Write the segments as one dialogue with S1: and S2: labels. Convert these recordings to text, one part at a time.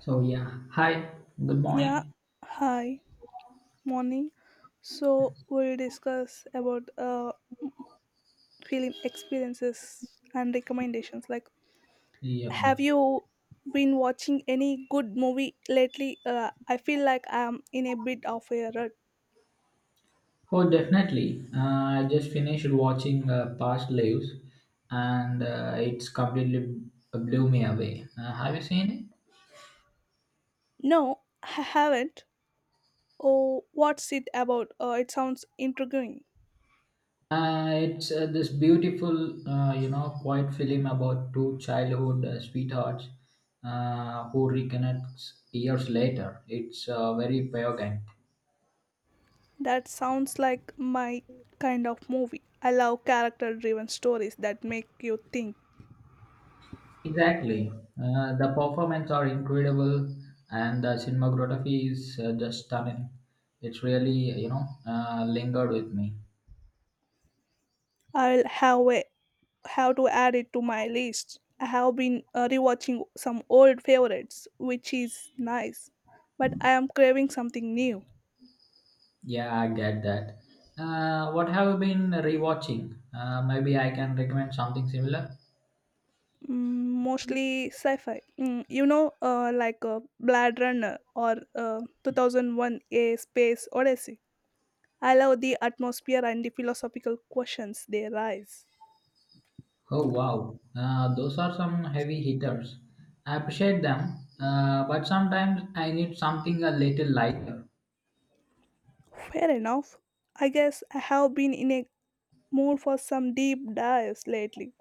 S1: So yeah, hi, good
S2: Yeah,
S1: morning.
S2: hi, morning. So we'll discuss about film experiences and recommendations. Like,
S1: Yep,
S2: have
S1: yep.
S2: you been watching any good movie lately? I feel like I'm in a bit of a rut.
S1: Oh, definitely. I just finished watching Past Lives, and it's completely blew me away. Have you seen it?
S2: No, I haven't. Oh, what's it about? It sounds intriguing.
S1: It's this beautiful, quiet film about two childhood sweethearts who reconnects years later. It's very poignant.
S2: That sounds like my kind of movie. I love character-driven stories that make you think.
S1: Exactly. The performance are incredible and the cinematography is just stunning. It's really lingered with me.
S2: I'll have a have to add it to my list. I have been rewatching some old favorites, which is nice, but I am craving something new.
S1: Yeah, I get that. What have you been rewatching? Maybe I can recommend something similar.
S2: Mm, mostly sci-fi. Like Blade Runner or 2001: A Space Odyssey. I love the atmosphere and the philosophical questions they raise.
S1: Oh wow, those are some heavy hitters. I appreciate them, but sometimes I need something a little lighter.
S2: Fair enough. I guess I have been in a mood for some deep dives lately,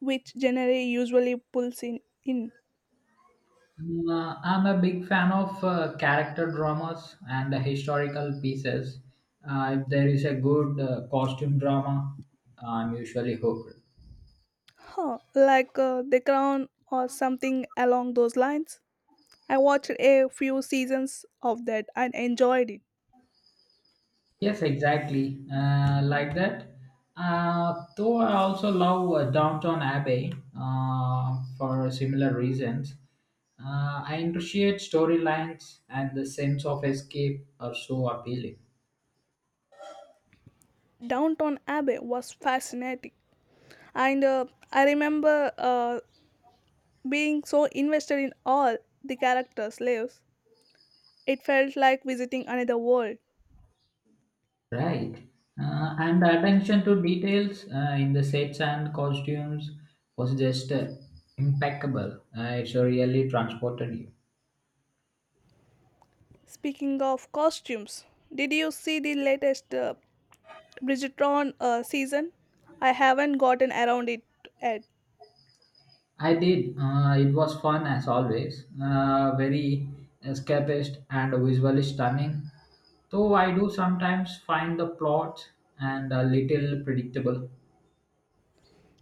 S2: which generally usually pulls in.
S1: I'm a big fan of character dramas and historical pieces. If there is a good costume drama, I'm usually hooked.
S2: Huh, like The Crown or something along those lines. I watched a few seasons of that and enjoyed it.
S1: Yes, exactly. Like that. Though I also love Downton Abbey for similar reasons. I appreciate storylines and the sense of escape are so appealing.
S2: Downton Abbey was fascinating, and I remember being so invested in all the characters' lives. It felt like visiting another world.
S1: Right. And the attention to details in the sets and costumes was just impeccable. It really transported you.
S2: Speaking of costumes, did you see the latest Bridgerton season? I haven't gotten around it yet.
S1: I did. It was fun as always. Very escapist and visually stunning. Though I do sometimes find the plot and a little predictable.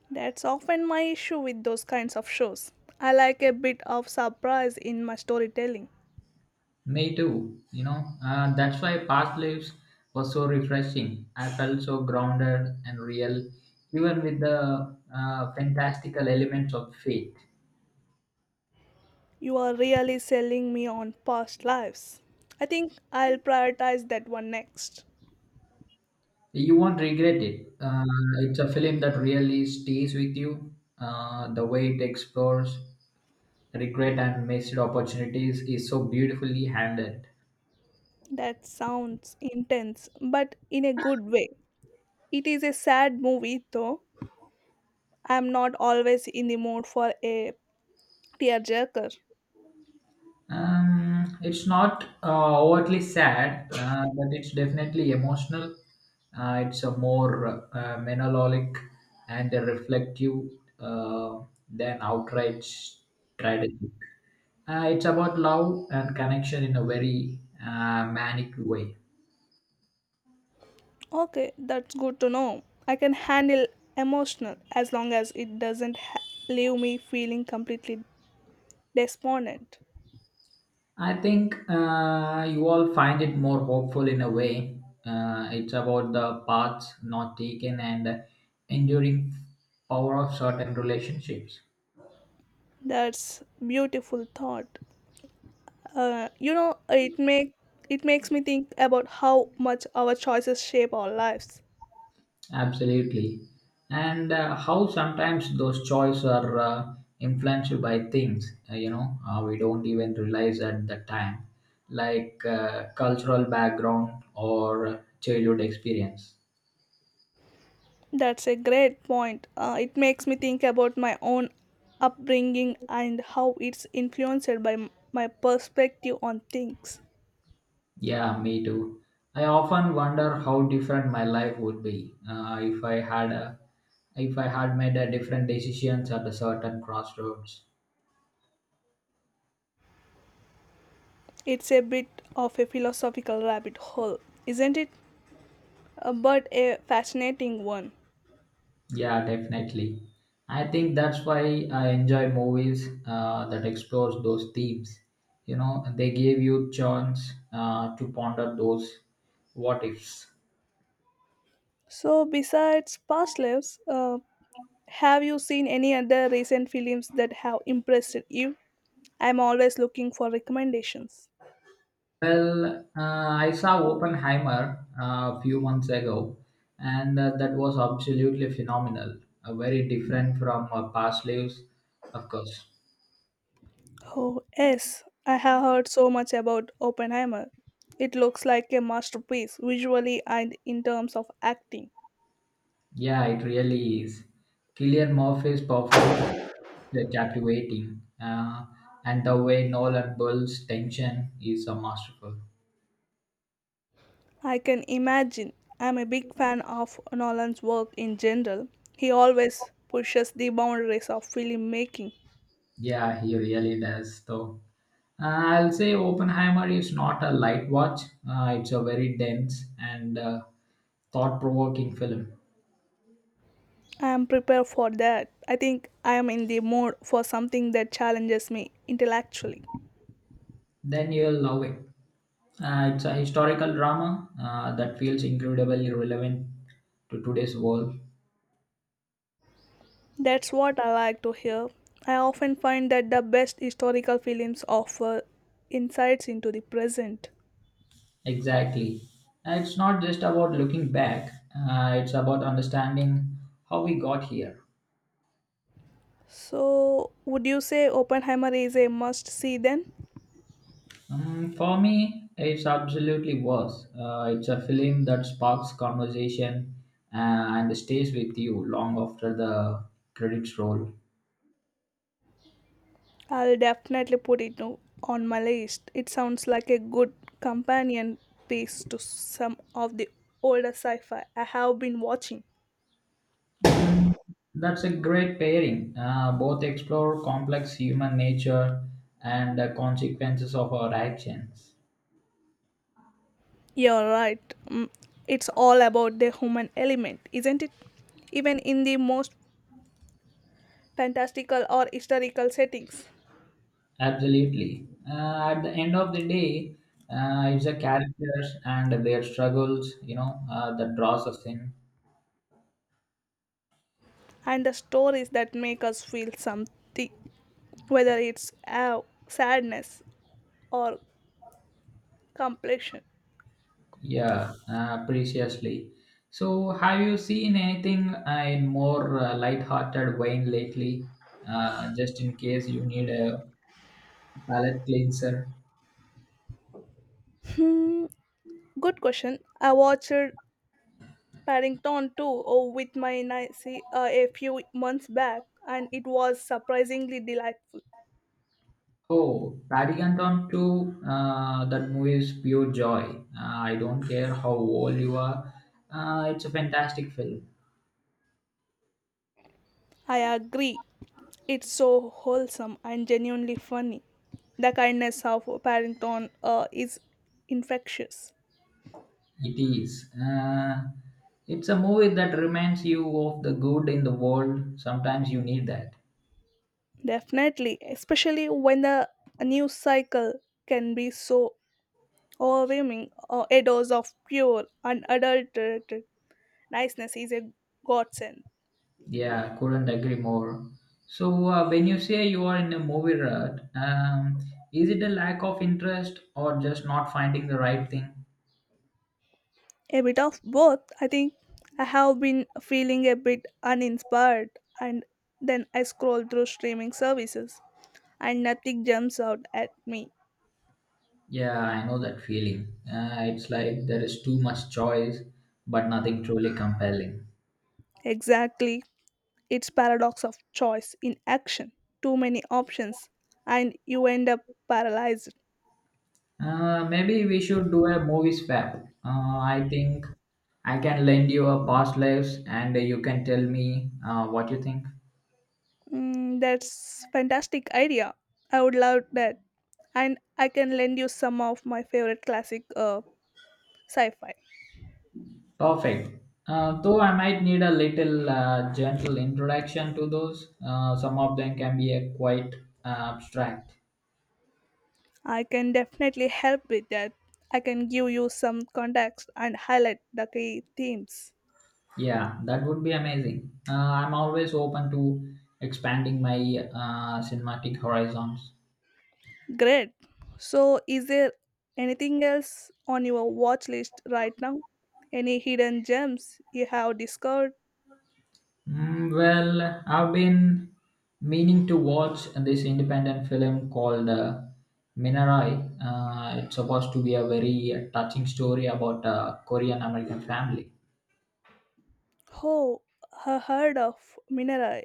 S2: That's often my issue with those kinds of shows. I like a bit of surprise in my storytelling.
S1: Me too. That's why past lives was so refreshing. I felt so grounded and real, even with the fantastical elements of faith.
S2: You are really selling me on past lives. I think I'll prioritize that one next.
S1: You won't regret it. It's a film that really stays with you. The way it explores regret and missed opportunities is so beautifully handled.
S2: That sounds intense, but in a good way. It is a sad movie, though. I'm not always in the mood for a tearjerker.
S1: It's not overtly sad, but it's definitely emotional. It's a more melancholic and a reflective uh, than outright strategic. It's about love and connection in a very manic way.
S2: Okay, that's good to know. I can handle emotional as long as it doesn't ha- leave me feeling completely despondent.
S1: I think you all find it more hopeful in a way. It's about the paths not taken and the enduring power of certain relationships.
S2: That's beautiful thought. Uh, you know, it make it makes me think about how much our choices shape our lives.
S1: Absolutely. And how sometimes those choices are influenced by things, we don't even realize at the time, like cultural background or childhood experience.
S2: That's a great point. It makes me think about my own upbringing and how it's influenced by my perspective on things.
S1: Yeah, me too. I often wonder how different my life would be if I if I had made a different decisions at a certain crossroads.
S2: It's a bit of a philosophical rabbit hole, isn't it? But a fascinating one.
S1: Yeah, definitely. I think that's why I enjoy movies that explores those themes. You know, they give you chance to ponder those what ifs.
S2: So, besides past lives, have you seen any other recent films that have impressed you? I'm always looking for recommendations.
S1: Well, I saw Oppenheimer a few months ago, and that was absolutely phenomenal. Very different from past lives, of course.
S2: Oh, yes, I have heard so much about Oppenheimer. It looks like a masterpiece visually and in terms of acting.
S1: Yeah, it really is. Killian Murphy's performance they're captivating. And the way Nolan builds tension is masterful.
S2: I can imagine. I'm a big fan of Nolan's work in general. He always pushes the boundaries of filmmaking.
S1: Yeah, he really does, though. I'll say Oppenheimer is not a light watch. It's a very dense and thought-provoking film.
S2: I am prepared for that. I think I am in the mood for something that challenges me intellectually.
S1: Then you'll love it. It's a historical drama that feels incredibly relevant to today's world.
S2: That's what I like to hear. I often find that the best historical films offer insights into the present.
S1: Exactly. It's not just about looking back. It's about understanding how we got here.
S2: So, would you say Oppenheimer is a must see then?
S1: For me, it's absolutely worse. It's a film that sparks conversation and stays with you long after the credits roll.
S2: I'll definitely put on my list. It sounds like a good companion piece to some of the older sci fi I have been watching.
S1: Mm, that's a great pairing. Both explore complex human nature and the consequences of our actions.
S2: You're right. Mm, it's all about the human element, isn't it? Even in the most fantastical or historical settings.
S1: Absolutely. At the end of the day, it's the characters and their struggles that draws us in.
S2: And the stories that make us feel something, whether it's awe, sadness, or completion.
S1: Yeah, preciously. So, have you seen anything in more light-hearted vein lately? Just in case you need a palate cleanser.
S2: Hmm, good question. I watched Paddington 2 oh, with my Nancy a few months back, and it was surprisingly delightful.
S1: Oh, Paddington 2, that movie is pure joy. I don't care how old you are. It's a fantastic film.
S2: I agree. It's so wholesome and genuinely funny. The kindness of Paddington is infectious.
S1: It is. It's a movie that reminds you of the good in the world. Sometimes you need that.
S2: Definitely, especially when the news cycle can be so overwhelming. A dose of pure, unadulterated niceness is a godsend.
S1: Yeah, couldn't agree more. So, when you say you are in a movie rut, is it a lack of interest or just not finding the right thing?
S2: A bit of both, I think. I have been feeling a bit uninspired, and then I scroll through streaming services, and nothing jumps out at me.
S1: Yeah, I know that feeling. It's like there is too much choice, but nothing truly compelling.
S2: Exactly, it's paradox of choice in action. Too many options, and you end up paralyzed.
S1: Maybe we should do a movie swap. Uh, I think I can lend you a past lives and you can tell me what you think.
S2: Mm, that's fantastic idea. I would love that. And I can lend you some of my favorite classic sci-fi.
S1: Perfect. Though I might need a little gentle introduction to those. Some of them can be quite abstract.
S2: I can definitely help with that. I can give you some context and highlight the key themes.
S1: Yeah, that would be amazing. I'm always open to expanding my cinematic horizons.
S2: Great. So is there anything else on your watch list right now? Any hidden gems you have discovered?
S1: Mm, well, I've been meaning to watch this independent film called Minarai. It's supposed to be a very touching story about a Korean American family.
S2: Oh, I heard of Minerai.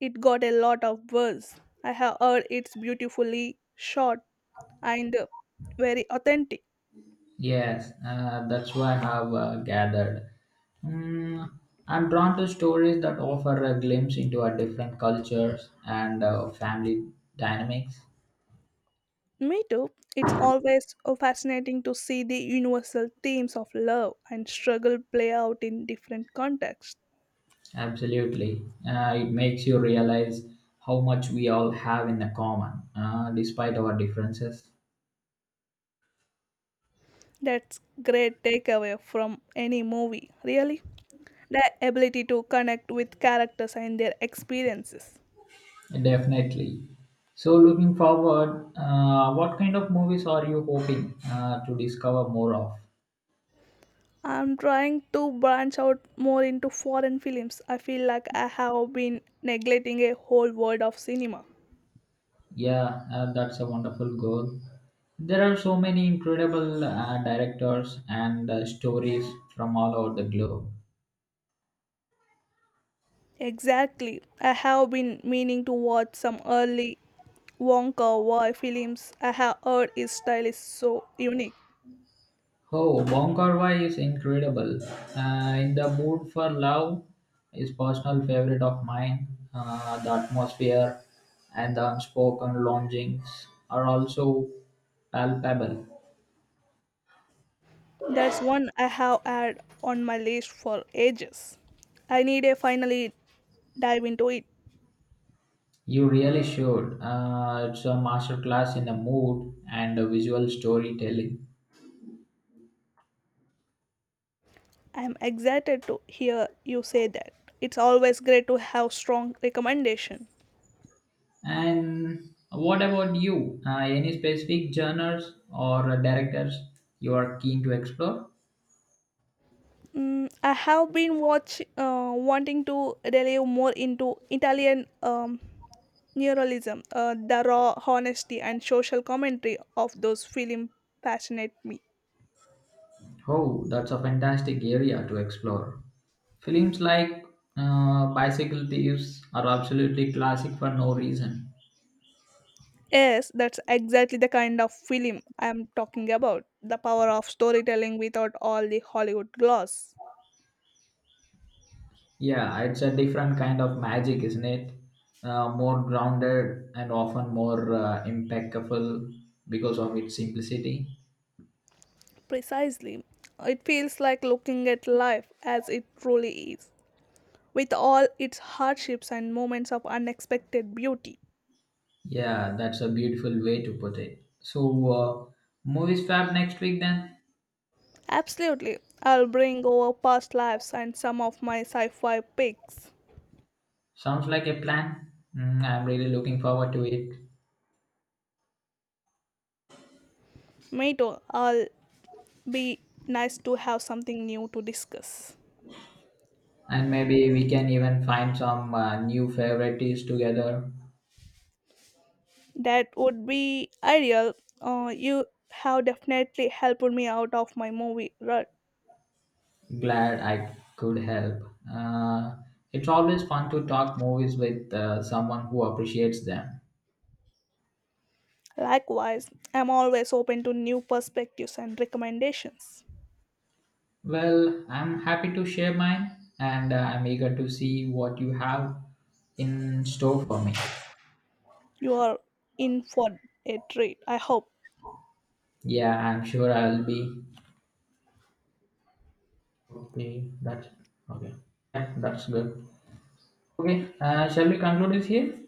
S2: It got a lot of buzz. I have heard it's beautifully shot and very authentic.
S1: Yes, that's why I have gathered. Mm, I'm drawn to stories that offer a glimpse into our different cultures and family dynamics.
S2: Me too. It's always fascinating to see the universal themes of love and struggle play out in different contexts.
S1: Absolutely. It makes you realize how much we all have in the common, despite our differences.
S2: That's great takeaway from any movie, really. The ability to connect with characters and their experiences.
S1: Definitely. So, looking forward, what kind of movies are you hoping to discover more of?
S2: I'm trying to branch out more into foreign films. I feel like I have been neglecting a whole world of cinema.
S1: Yeah, that's a wonderful goal. There are so many incredible directors and stories from all over the globe.
S2: Exactly. I have been meaning to watch some early Wonka Wai films. I have heard his style is so unique.
S1: Oh, Bong Kar-wai is incredible. In the Mood for Love is personal favorite of mine. The atmosphere and the unspoken longings are also palpable.
S2: That's one I have had on my list for ages. I need to finally dive into it.
S1: You really should. It's a masterclass in the mood and the visual storytelling.
S2: I'm excited to hear you say that. It's always great to have strong recommendation.
S1: And what about you? Any specific genres or directors you are keen to explore?
S2: Mm, I have been watch wanting to delve more into Italian neuralism. The raw honesty and social commentary of those film fascinate me.
S1: Oh, that's a fantastic area to explore. Films like Bicycle Thieves are absolutely classic for no reason.
S2: Yes, that's exactly the kind of film I'm talking about. The power of storytelling without all the Hollywood gloss.
S1: Yeah, it's a different kind of magic, isn't it? More grounded and often more impeccable because of its simplicity.
S2: Precisely. It feels like looking at life as it truly is, with all its hardships and moments of unexpected beauty.
S1: Yeah, that's a beautiful way to put it. So, uh, movies fab next week then?
S2: Absolutely. I'll bring over past lives and some of my sci fi picks.
S1: Sounds like a plan. Mm, I'm really looking forward to it.
S2: Mato, I'll be nice to have something new to discuss.
S1: And maybe we can even find some new favorites together.
S2: That would be ideal. You have definitely helped me out of my movie rut.
S1: Glad I could help. Uh, it's always fun to talk movies with someone who appreciates them.
S2: Likewise, I'm always open to new perspectives and recommendations.
S1: Well, I'm happy to share mine and I'm eager to see what you have in store for me.
S2: You are in for a treat, I hope.
S1: Yeah, I'm sure I'll be. Okay, that's okay. Yeah, that's good. Okay, shall we conclude it here?